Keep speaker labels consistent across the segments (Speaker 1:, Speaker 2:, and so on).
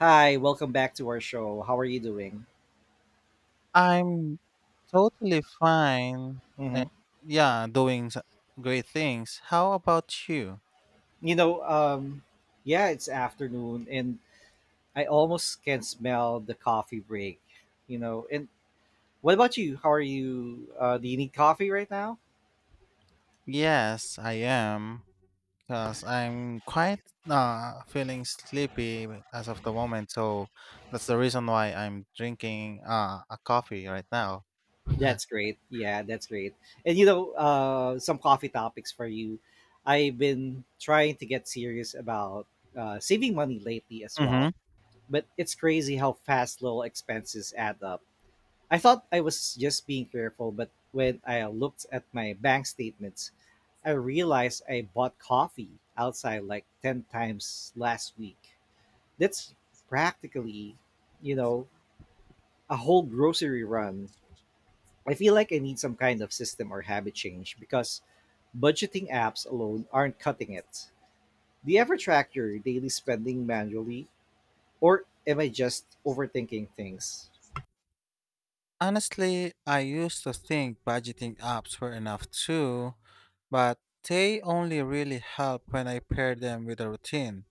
Speaker 1: Hi, welcome back to our show. How are you doing?
Speaker 2: I'm totally fine.
Speaker 1: hmm
Speaker 2: Yeah, doing great things. How about you?
Speaker 1: You know, um, yeah, it's afternoon, and I almost can smell the coffee break. You know, and What about you? How are you? Do you need coffee right now?
Speaker 2: Yes, I am. Because I'm quite feeling sleepy as of the moment. So that's the reason why I'm drinking a coffee right now.
Speaker 1: That's great. Yeah, that's great. And some coffee topics for you. I've been trying to get serious about saving money lately as well,
Speaker 2: Hmm.
Speaker 1: but it's crazy how fast little expenses add up. I thought I was just being careful, but when I looked at my bank statements, I realized I bought coffee outside like 10 times last week. That's practically, you know, a whole grocery run. I feel like I need some kind of system or habit change because budgeting apps alone aren't cutting it. Do you ever track your daily spending manually, or am I just overthinking things?
Speaker 2: Honestly, I used to think budgeting apps were enough too, but they only really help when I pair them with a routine.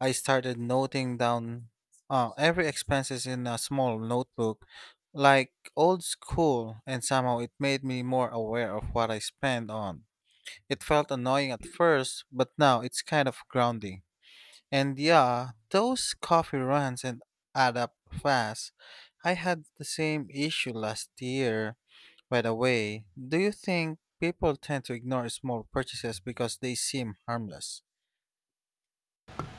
Speaker 2: I started noting down every expenses in a small notebook, like old school, and somehow it made me more aware of what I spend on. It felt annoying at first, but now it's kind of grounding. And yeah, those coffee runs and add up fast. I had the same issue last year. By the way, do you think people tend to ignore small purchases because they seem harmless?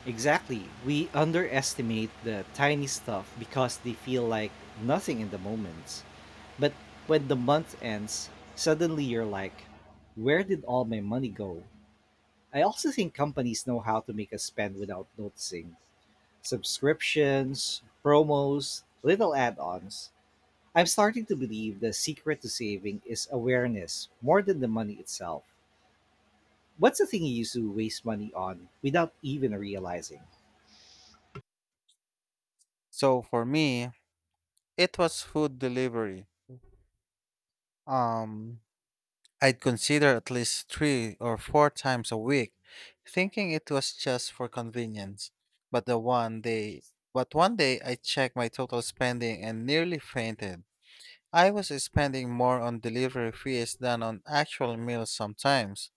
Speaker 1: Exactly. We underestimate the tiny stuff because they feel like nothing in the moment. But when the month ends, suddenly you're like, where did all my money go? I also think companies know how to make us spend without noticing. Subscriptions, promos, little add ons. I'm starting to believe the secret to saving is awareness more than the money itself. What's the thing you used to waste money on without even realizing?
Speaker 2: So for me, it was food delivery. Um, I'd consider at least three or four times a week, thinking it was just for convenience. But the one day, but one day I checked my total spending and nearly fainted. I was spending more on delivery fees than on actual meals sometimes.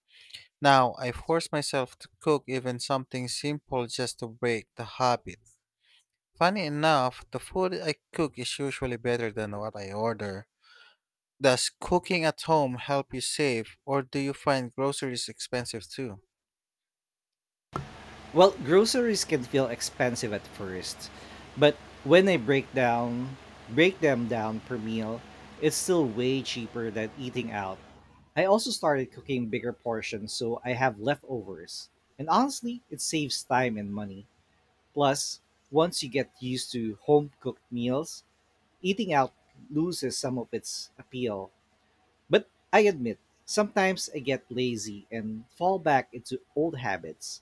Speaker 2: Now I force myself to cook even something simple just to break the habit. Funny enough, the food I cook is usually better than what I order. Does cooking at home help you save, or do you find groceries expensive too?
Speaker 1: Well, groceries can feel expensive at first, but when I break them down per meal, it's still way cheaper than eating out. I also started cooking bigger portions so I have leftovers. And honestly, it saves time and money. Plus, once you get used to home-cooked meals, eating out loses some of its appeal. But I admit, sometimes I get lazy and fall back into old habits.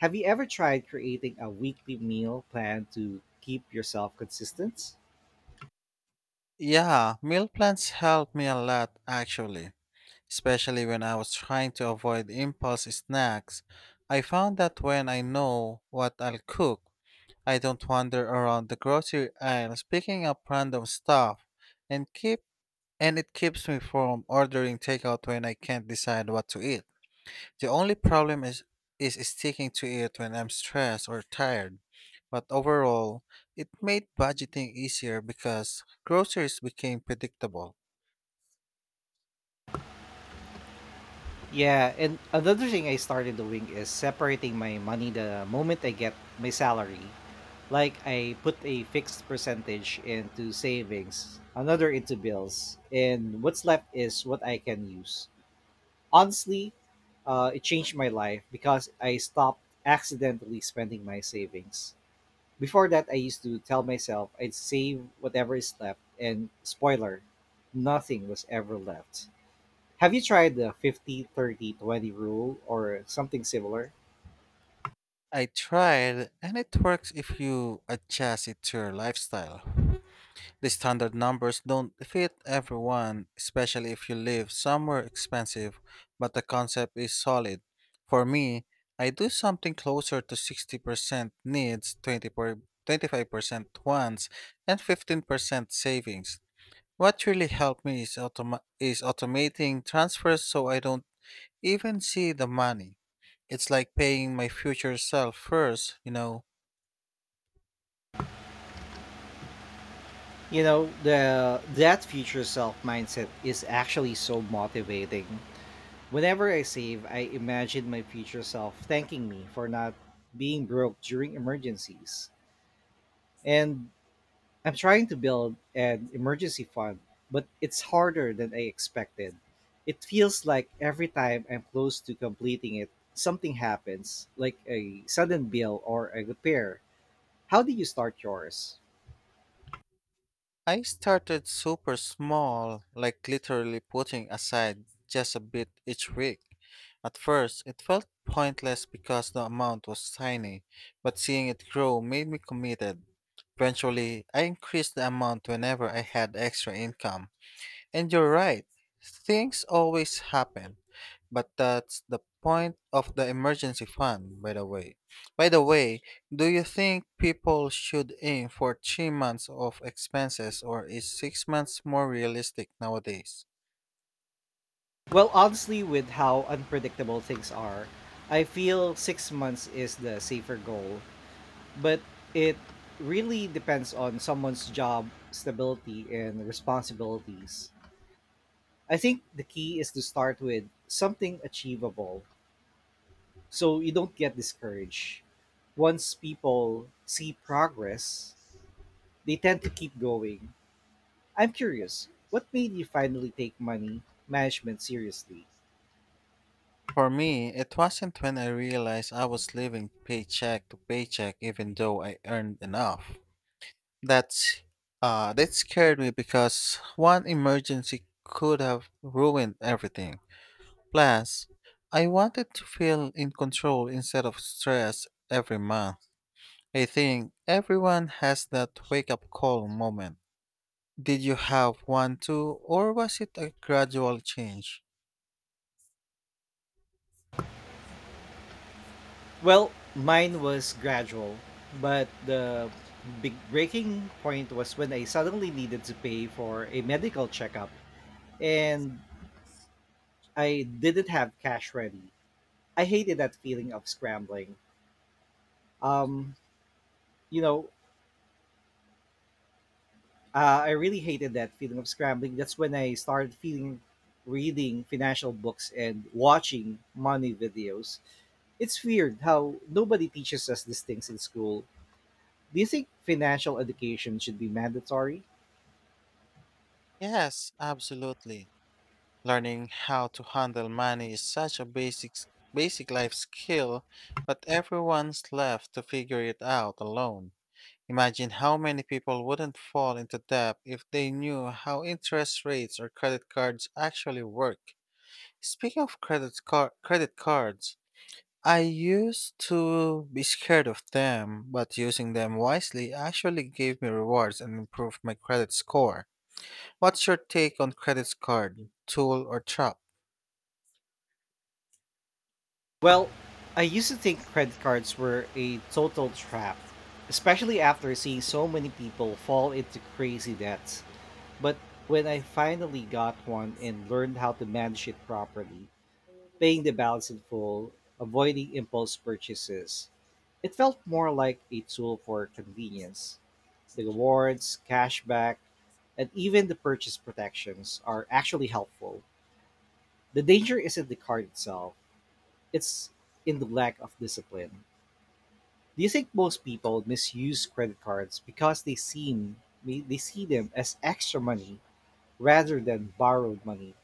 Speaker 1: Have you ever tried creating a weekly meal plan to keep yourself consistent?
Speaker 2: Yeah, meal plans helped me a lot actually, especially when I was trying to avoid impulse snacks. I found that when I know what I'll cook, I don't wander around the grocery aisles picking up random stuff and keep and it keeps me from ordering takeout when I can't decide what to eat. The only problem is sticking to it when I'm stressed or tired. But overall, it made budgeting easier because groceries became predictable.
Speaker 1: Yeah, and another thing I started doing is separating my money the moment I get my salary. Like I put a fixed percentage into savings, another into bills, and what's left is what I can use. Honestly, it changed my life because I stopped accidentally spending my savings. Before that, I used to tell myself I'd save whatever is left, and spoiler, nothing was ever left. Have you tried the 50, 30, 20 rule or something similar?
Speaker 2: I tried and it works if you adjust it to your lifestyle. The standard numbers don't fit everyone, especially if you live somewhere expensive, but the concept is solid. For me, I do something closer to 60% needs, 20 25% wants, and 15% savings. What really helped me is, automating transfers so I don't even see the money. It's like paying my future self first.
Speaker 1: You know, the that future self mindset is actually so motivating. Whenever I save, I imagine my future self thanking me for not being broke during emergencies. And I'm trying to build an emergency fund, but it's harder than I expected. It feels like every time I'm close to completing it, something happens, like a sudden bill or a repair. How do you start yours?
Speaker 2: I started super small, like literally putting aside just a bit each week. At first, it felt pointless because the amount was tiny, but seeing it grow made me committed. Eventually, I increased the amount whenever I had extra income. And you're right, things always happen. But that's the point of the emergency fund, by the way. Do you think people should aim for 3 months of expenses or is 6 months more realistic nowadays?
Speaker 1: Well, honestly, with how unpredictable things are, I feel 6 months is the safer goal, but it really depends on someone's job stability and responsibilities. I think the key is to start with something achievable, so you don't get discouraged. Once people see progress, they tend to keep going. I'm curious, what made you finally take money management seriously?
Speaker 2: For me, it wasn't when I realized I was living paycheck to paycheck even though I earned enough. That's that scared me because one emergency could have ruined everything. Plus, I wanted to feel in control instead of stress every month. I think everyone has that wake up call moment. Did you have one too, or was it a gradual change?
Speaker 1: Well, mine was gradual, but the big breaking point was when I suddenly needed to pay for a medical checkup and I didn't have cash ready. I hated that feeling of scrambling. Um, you know, I really hated that feeling of scrambling. That's when I started feeling reading financial books and watching money videos. It's weird how nobody teaches us these things in school. Do you think financial education should be mandatory?
Speaker 2: Yes, absolutely. Learning how to handle money is such a basic life skill, but everyone's left to figure it out alone. Imagine how many people wouldn't fall into debt if they knew how interest rates or credit cards actually work. Speaking of credit cards, I used to be scared of them, but using them wisely actually gave me rewards and improved my credit score. What's your take on credit card, tool or trap?
Speaker 1: Well, I used to think credit cards were a total trap, especially after seeing so many people fall into crazy debts. But when I finally got one and learned how to manage it properly, paying the balance in full, avoiding impulse purchases. It felt more like a tool for convenience. The rewards, cashback, and even the purchase protections are actually helpful. The danger isn't the card itself, it's in the lack of discipline. Do you think most people misuse credit cards because they see them as extra money rather than borrowed money?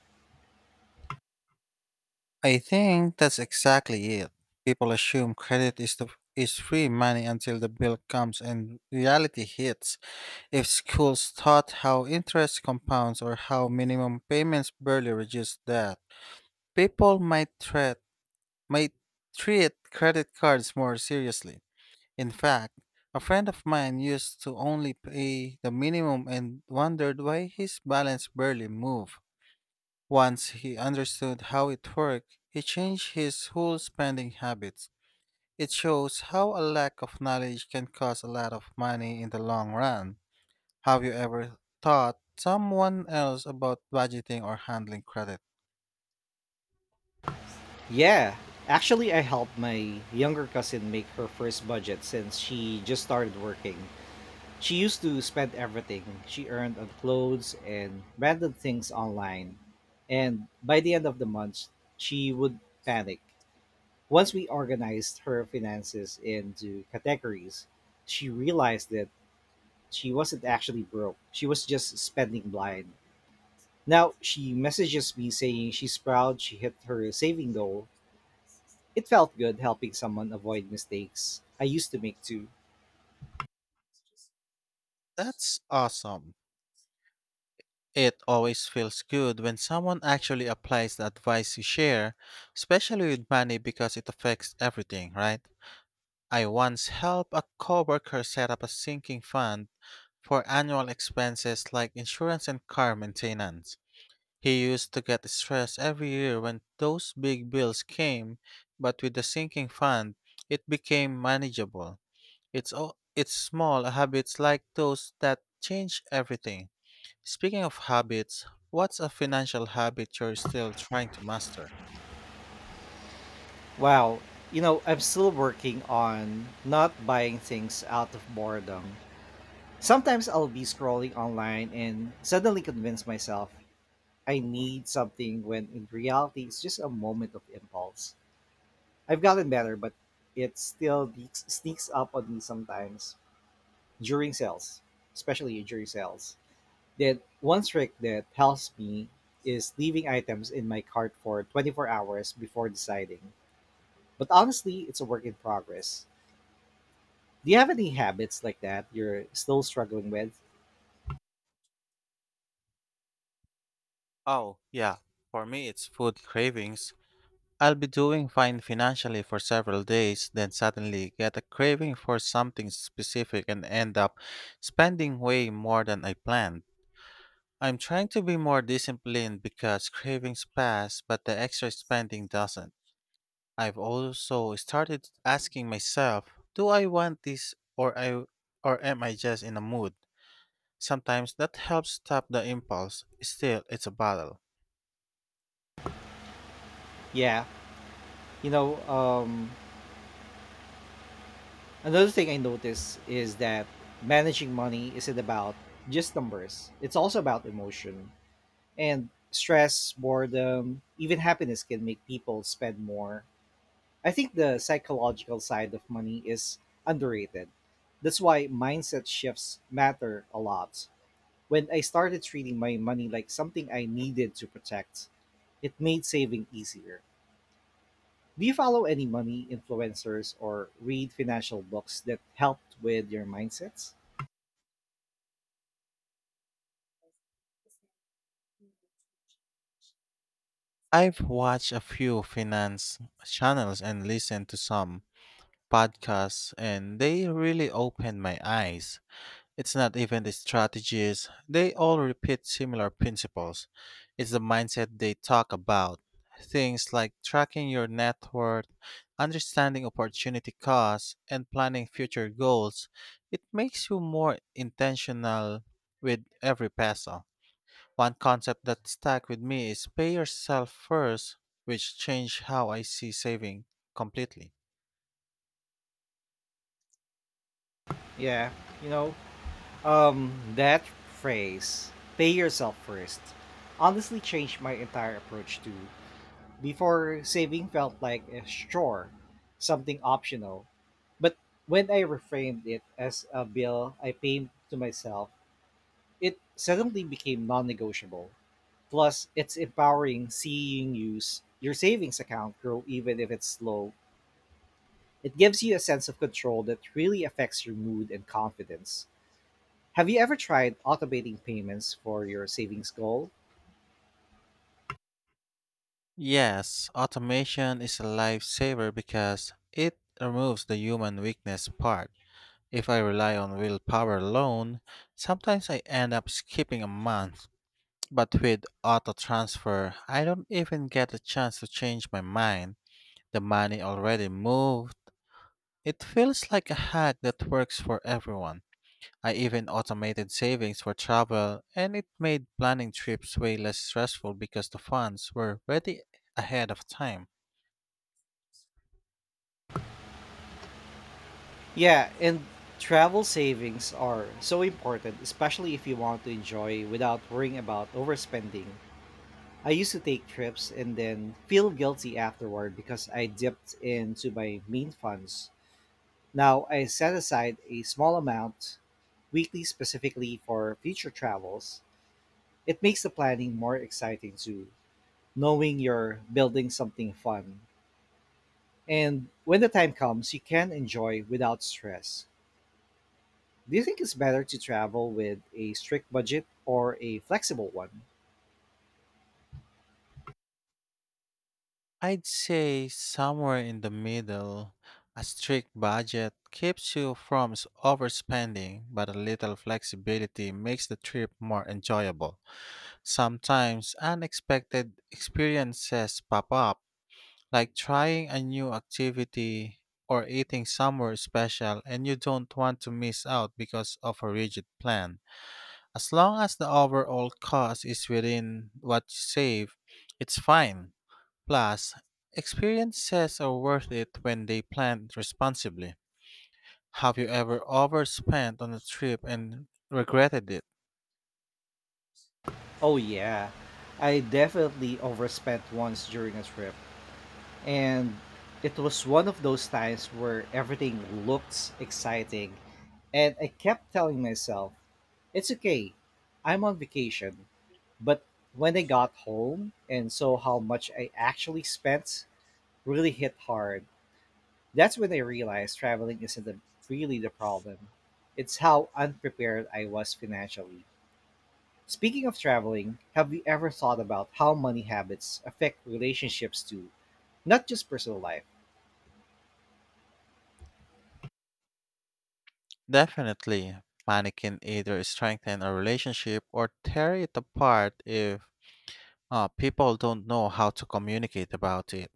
Speaker 2: I think that's exactly it. People assume credit is the is free money until the bill comes and reality hits. If schools taught how interest compounds or how minimum payments barely reduce debt, people might treat credit cards more seriously. In fact, a friend of mine used to only pay the minimum and wondered why his balance barely moved. Once he understood how it worked, he changed his whole spending habits. It shows how a lack of knowledge can cost a lot of money in the long run. Have you ever taught someone else about budgeting or handling credit?
Speaker 1: Yeah, actually, I helped my younger cousin make her first budget since she just started working. She used to spend everything she earned on clothes and random things online. And by the end of the month, she would panic. Once we organized her finances into categories, she realized that she wasn't actually broke. She was just spending blind. Now she messages me saying she's proud she hit her saving goal. It felt good helping someone avoid mistakes I used to make too.
Speaker 2: That's awesome. It always feels good when someone actually applies the advice you share, especially with money because it affects everything, right? I once helped a coworker set up a sinking fund for annual expenses like insurance and car maintenance. He used to get stressed every year when those big bills came, but with the sinking fund, it became manageable. It's small habits like those that change everything. Speaking of habits, what's a financial habit you're still trying to master?
Speaker 1: Wow, you know, I'm still working on not buying things out of boredom. Sometimes I'll be scrolling online and suddenly convince myself I need something when in reality it's just a moment of impulse. I've gotten better, but it still sneaks up on me during sales, especially during sales. That one trick that helps me is leaving items in my cart for 24 hours before deciding. But honestly, it's a work in progress. Do you have any habits like that you're still struggling with?
Speaker 2: Oh, yeah. For me, it's food cravings. I'll be doing fine financially for several days, then suddenly get a craving for something specific and end up spending way more than I planned. I'm trying to be more disciplined because cravings pass, but the extra spending doesn't. I've also started asking myself, do I want this or am I just in a mood? Sometimes that helps stop the impulse. Still, it's a battle.
Speaker 1: Yeah, you know, um, another thing I notice is that managing money isn't about just numbers, it's also about emotion. And stress, boredom, even happiness can make people spend more. I think the psychological side of money is underrated. That's why mindset shifts matter a lot. When I started treating my money like something I needed to protect, it made saving easier. Do you follow any money influencers or read financial books that helped with your mindsets?
Speaker 2: I've watched a few finance channels and listened to some podcasts and they really opened my eyes. It's not even the strategies, they all repeat similar principles. It's the mindset they talk about. Things like tracking your net worth, understanding opportunity costs, and planning future goals. It makes you more intentional with every peso. One concept that stuck with me is pay yourself first, which changed how I see saving completely.
Speaker 1: Yeah, you know, that phrase, pay yourself first, honestly changed my entire approach to. Before saving felt like a chore, something optional. But when I reframed it as a bill I paid to myself, it suddenly became non negotiable. Plus, it's empowering seeing use your savings account grow even if it's slow. It gives you a sense of control that really affects your mood and confidence. Have you ever tried automating payments for your savings goal?
Speaker 2: Yes, automation is a lifesaver because it removes the human weakness part. If I rely on willpower alone, sometimes I end up skipping a month. But with auto transfer, I don't even get a chance to change my mind. The money already moved. It feels like a hack that works for everyone. I even automated savings for travel, and it made planning trips way less stressful because the funds were ready ahead of time.
Speaker 1: Yeah, and travel savings are so important, especially if you want to enjoy without worrying about overspending. I used to take trips and then feel guilty afterward because I dipped into my main funds. Now I set aside a small amount weekly specifically for future travels. It makes the planning more exciting too, knowing you're building something fun. And when the time comes, you can enjoy without stress. Do you think it's better to travel with a strict budget or a flexible one?
Speaker 2: I'd say somewhere in the middle. A strict budget keeps you from overspending, but a little flexibility makes the trip more enjoyable. Sometimes unexpected experiences pop up, like trying a new activity or eating somewhere special, and you don't want to miss out because of a rigid plan. As long as the overall cost is within what you save, it's fine. Plus, experiences are worth it when they planned responsibly. Have you ever overspent on a trip and regretted it?
Speaker 1: Oh, yeah. I definitely overspent once during a trip. And it was one of those times where everything looks exciting. And I kept telling myself, it's okay. I'm on vacation. But when I got home and saw how much I actually spent, really hit hard. That's when I realized traveling isn't the, really the problem. It's how unprepared I was financially. Speaking of traveling, have you ever thought about how money habits affect relationships too, not just personal life?
Speaker 2: Definitely. Money can either strengthen a relationship or tear it apart if people don't know how to communicate about it.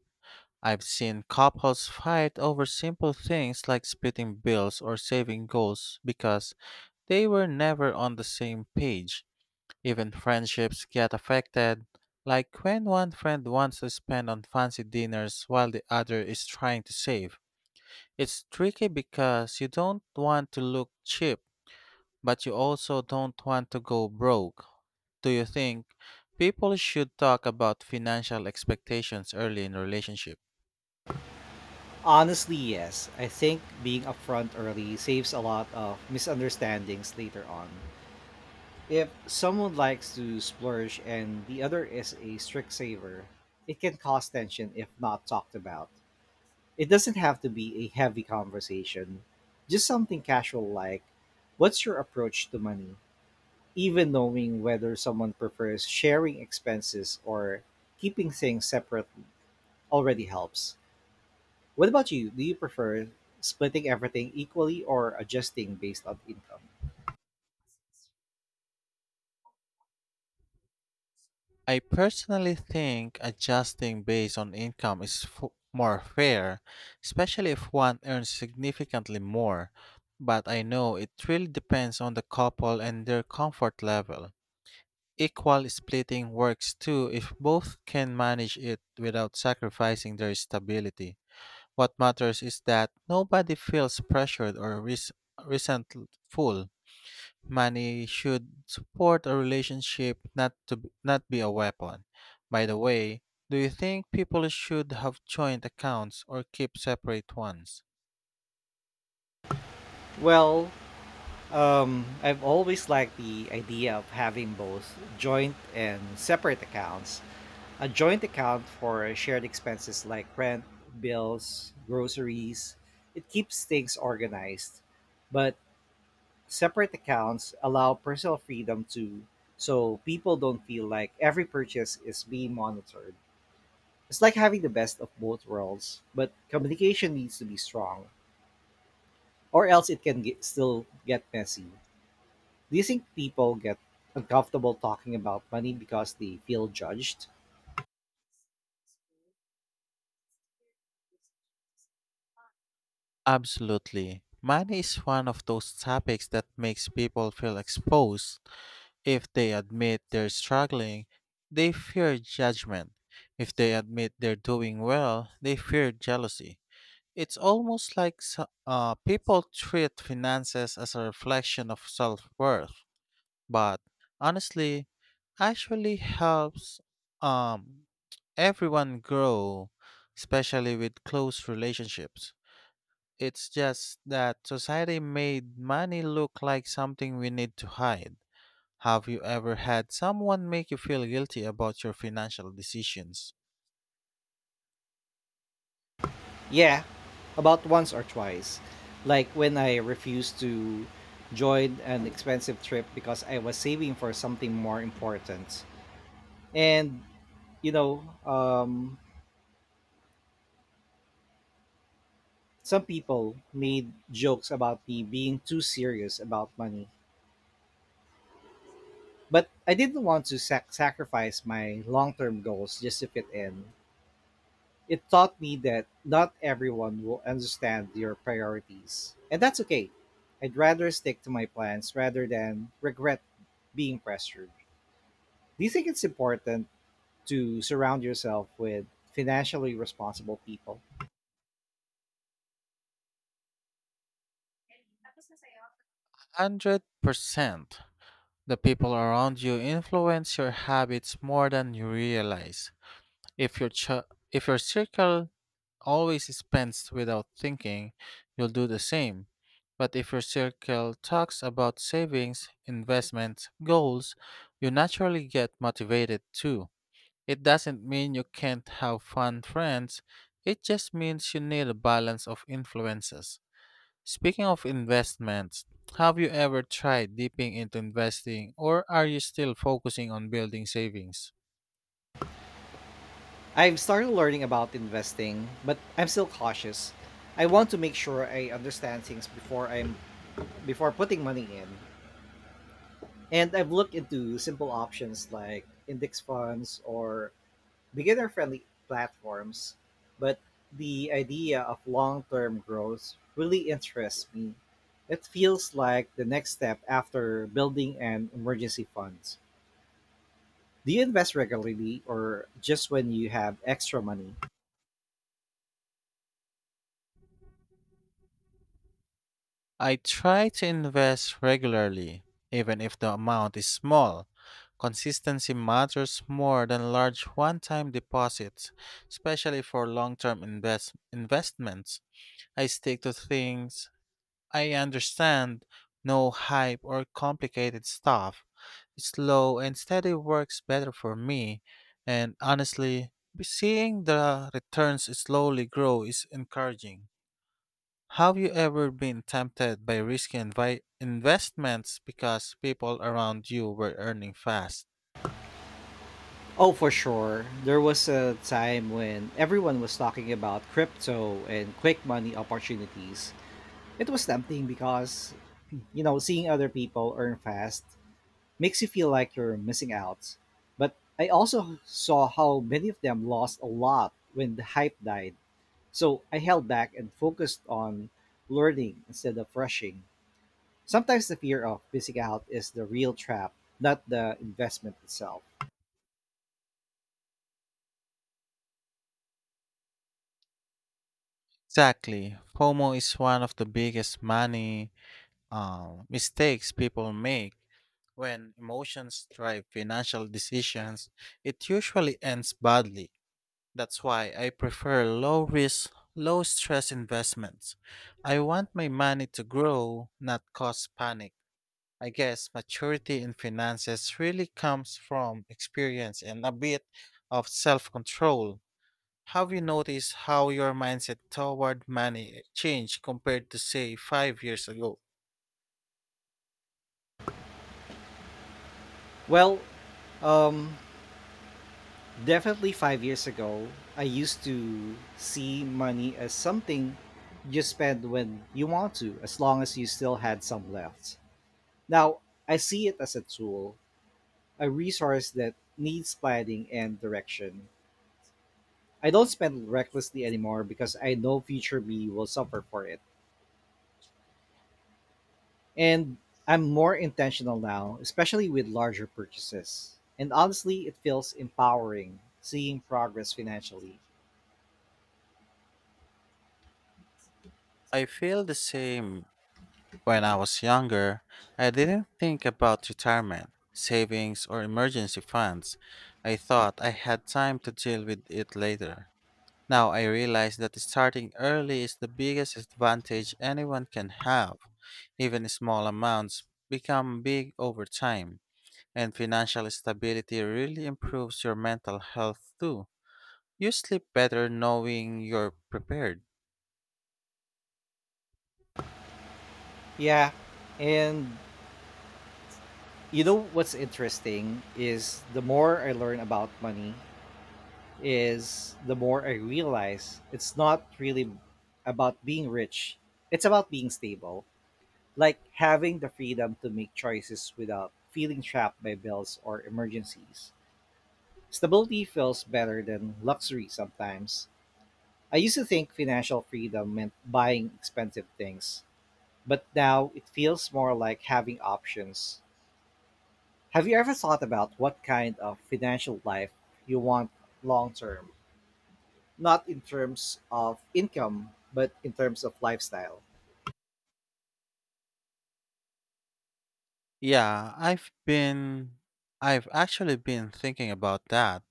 Speaker 2: I've seen couples fight over simple things like splitting bills or saving goals because they were never on the same page. Even friendships get affected, like when one friend wants to spend on fancy dinners while the other is trying to save. It's tricky because you don't want to look cheap, but you also don't want to go broke. Do you think people should talk about financial expectations early in relationship?
Speaker 1: Honestly, yes. I think being upfront early saves a lot of misunderstandings later on. If someone likes to splurge and the other is a strict saver, it can cause tension if not talked about. It doesn't have to be a heavy conversation, just something casual like, what's your approach to money? Even knowing whether someone prefers sharing expenses or keeping things separate already helps. What about you? Do you prefer splitting everything equally or adjusting based on income?
Speaker 2: I personally think adjusting based on income is more fair, especially if one earns significantly more. But I know it really depends on the couple and their comfort level. Equal splitting works too if both can manage it without sacrificing their stability. What matters is that nobody feels pressured or resentful. Money should support a relationship, not to b- not be a weapon. By the way, do you think people should have joint accounts or keep separate ones?
Speaker 1: Well, I've always liked the idea of having both joint and separate accounts. A joint account for shared expenses like rent, bills, groceries, it keeps things organized. But separate accounts allow personal freedom too, so people don't feel like every purchase is being monitored. It's like having the best of both worlds, but communication needs to be strong, or else still get messy. Do you think people get uncomfortable talking about money because they feel judged?
Speaker 2: Absolutely. Money is one of those topics that makes people feel exposed. If they admit they're struggling, they fear judgment. If they admit they're doing well, they fear jealousy. It's almost like people treat finances as a reflection of self worth. But honestly, actually helps um everyone grow, especially with close relationships. It's just that society made money look like something we need to hide. Have you ever had someone make you feel guilty about your financial decisions?
Speaker 1: Yeah, about once or twice. Like when I refused to join an expensive trip because I was saving for something more important. And, you know, um, some people made jokes about me being too serious about money. But I didn't want to sacrifice my long term goals just to fit in. It taught me that not everyone will understand your priorities. And that's okay. I'd rather stick to my plans rather than regret being pressured. Do you think it's important to surround yourself with financially responsible people?
Speaker 2: 100%. The people around you influence your habits more than you realize. If your circle always spends without thinking, you'll do the same. But if your circle talks about savings, investments, goals, you naturally get motivated too. It doesn't mean you can't have fun friends, it just means you need a balance of influences. Speaking of investments, have you ever tried dipping into investing or are you still focusing on building savings?
Speaker 1: I've started learning about investing, but I'm still cautious. I want to make sure I understand things before putting money in. And I've looked into simple options like index funds or beginner-friendly platforms, but the idea of long-term growth really interests me. It feels like the next step after building an emergency fund. Do you invest regularly or just when you have extra money?
Speaker 2: I try to invest regularly, even if the amount is small. Consistency matters more than large one time deposits, especially for long term investments. I stick to things I understand, no hype or complicated stuff. Slow and steady works better for me, and honestly, seeing the returns slowly grow is encouraging. Have you ever been tempted by risky investments because people around you were earning fast?
Speaker 1: Oh, for sure. There was a time when everyone was talking about crypto and quick money opportunities. It was tempting because, seeing other people earn fast makes you feel like you're missing out. But I also saw how many of them lost a lot when the hype died. So I held back and focused on learning instead of rushing. Sometimes the fear of missing out is the real trap, not the investment itself.
Speaker 2: Exactly. FOMO is one of the biggest money mistakes people make. When emotions drive financial decisions, it usually ends badly. That's why I prefer low risk, low stress investments. I want my money to grow, not cause panic. I guess maturity in finances really comes from experience and a bit of self control. Have you noticed how your mindset toward money changed compared to, say, 5 years ago?
Speaker 1: Well, um, definitely 5 years ago, I used to see money as something you spend when you want to, as long as you still had some left. Now, I see it as a tool, a resource that needs planning and direction. I don't spend recklessly anymore because I know future me will suffer for it. And I'm more intentional now, especially with larger purchases. And honestly, it feels empowering seeing progress financially.
Speaker 2: I feel the same when I was younger. I didn't think about retirement, savings, or emergency funds. I thought I had time to deal with it later. Now I realize that starting early is the biggest advantage anyone can have. Even small amounts become big over time, and financial stability really improves your mental health too. You sleep better knowing you're prepared.
Speaker 1: Yeah. And you know what's interesting is the more I learn about money is the more I realize it's not really about being rich. It's about being stable, like having the freedom to make choices without feeling trapped by bills or emergencies. Stability feels better than luxury sometimes. I used to think financial freedom meant buying expensive things, but now it feels more like having options. Have you ever thought about what kind of financial life you want long term? Not in terms of income, but in terms of lifestyle.
Speaker 2: Yeah, I've actually been thinking about that.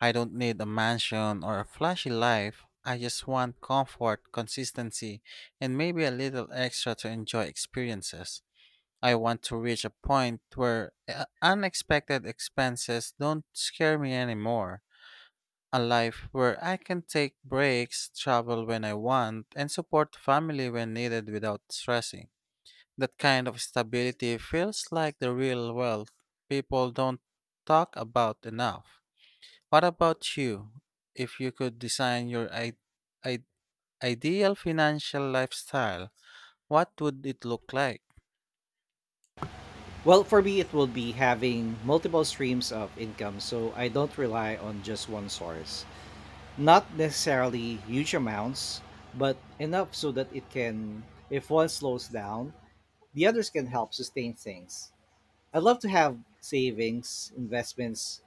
Speaker 2: I don't need a mansion or a flashy life. I just want comfort, consistency, and maybe a little extra to enjoy experiences. I want to reach a point where unexpected expenses don't scare me anymore. A life where I can take breaks, travel when I want, and support family when needed without stressing. That kind of stability feels like the real wealth people don't talk about enough. What about you? If you could design your I- ideal financial lifestyle, what would it look like?
Speaker 1: Well, for me, it will be having multiple streams of income so I don't rely on just one source. Not necessarily huge amounts, but enough so that if one slows down, the others can help sustain things. I'd love to have savings, investments,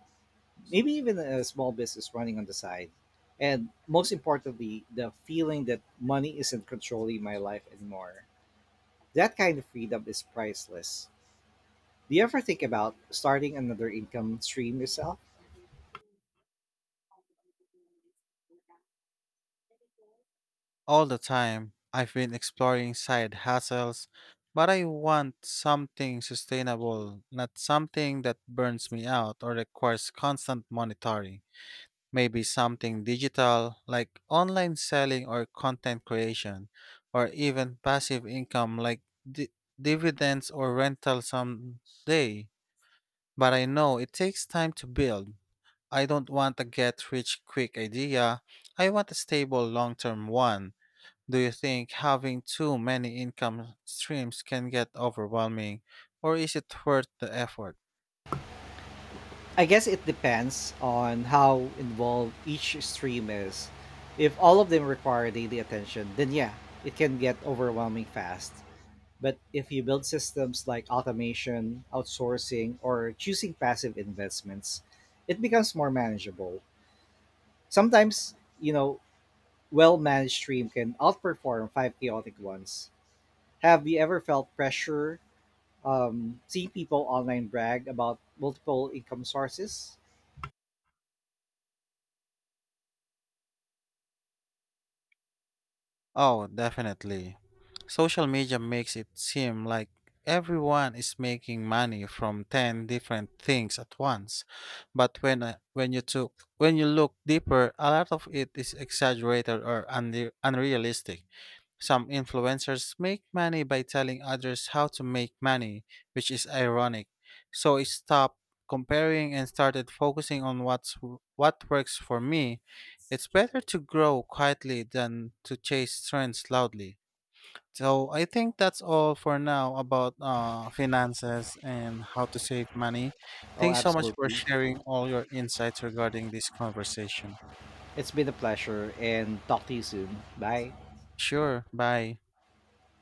Speaker 1: maybe even a small business running on the side. And most importantly, the feeling that money isn't controlling my life anymore. That kind of freedom is priceless. Do you ever think about starting another income stream yourself?
Speaker 2: All the time, I've been exploring side hustles, but I want something sustainable, not something that burns me out or requires constant monitoring. Maybe something digital, like online selling or content creation, or even passive income like di- dividends or rental someday. But I know it takes time to build. I don't want a get rich quick idea. I want a stable long term one. Do you think having too many income streams can get overwhelming, or is it worth the effort?
Speaker 1: I guess it depends on how involved each stream is. If all of them require daily attention, then yeah, it can get overwhelming fast. But if you build systems like automation, outsourcing, or choosing passive investments, it becomes more manageable. Sometimes, you know, well managed stream can outperform five chaotic ones. Have you ever felt pressure see people online brag about multiple income sources.
Speaker 2: Oh, definitely. Social media makes it seem like everyone is making money from 10 different things at once. But when I- when you took when you look deeper, a lot of it is exaggerated or unrealistic. Some influencers make money by telling others how to make money, which is ironic. So I stopped comparing and started focusing on what works for me. It's better to grow quietly than to chase trends loudly. So I think that's all for now about finances and how to save money.
Speaker 1: Oh,
Speaker 2: Thanks so much for
Speaker 1: absolutely.
Speaker 2: sharing all your insights regarding this conversation.
Speaker 1: It's been a pleasure and talk to you soon. Bye.
Speaker 2: Sure, bye.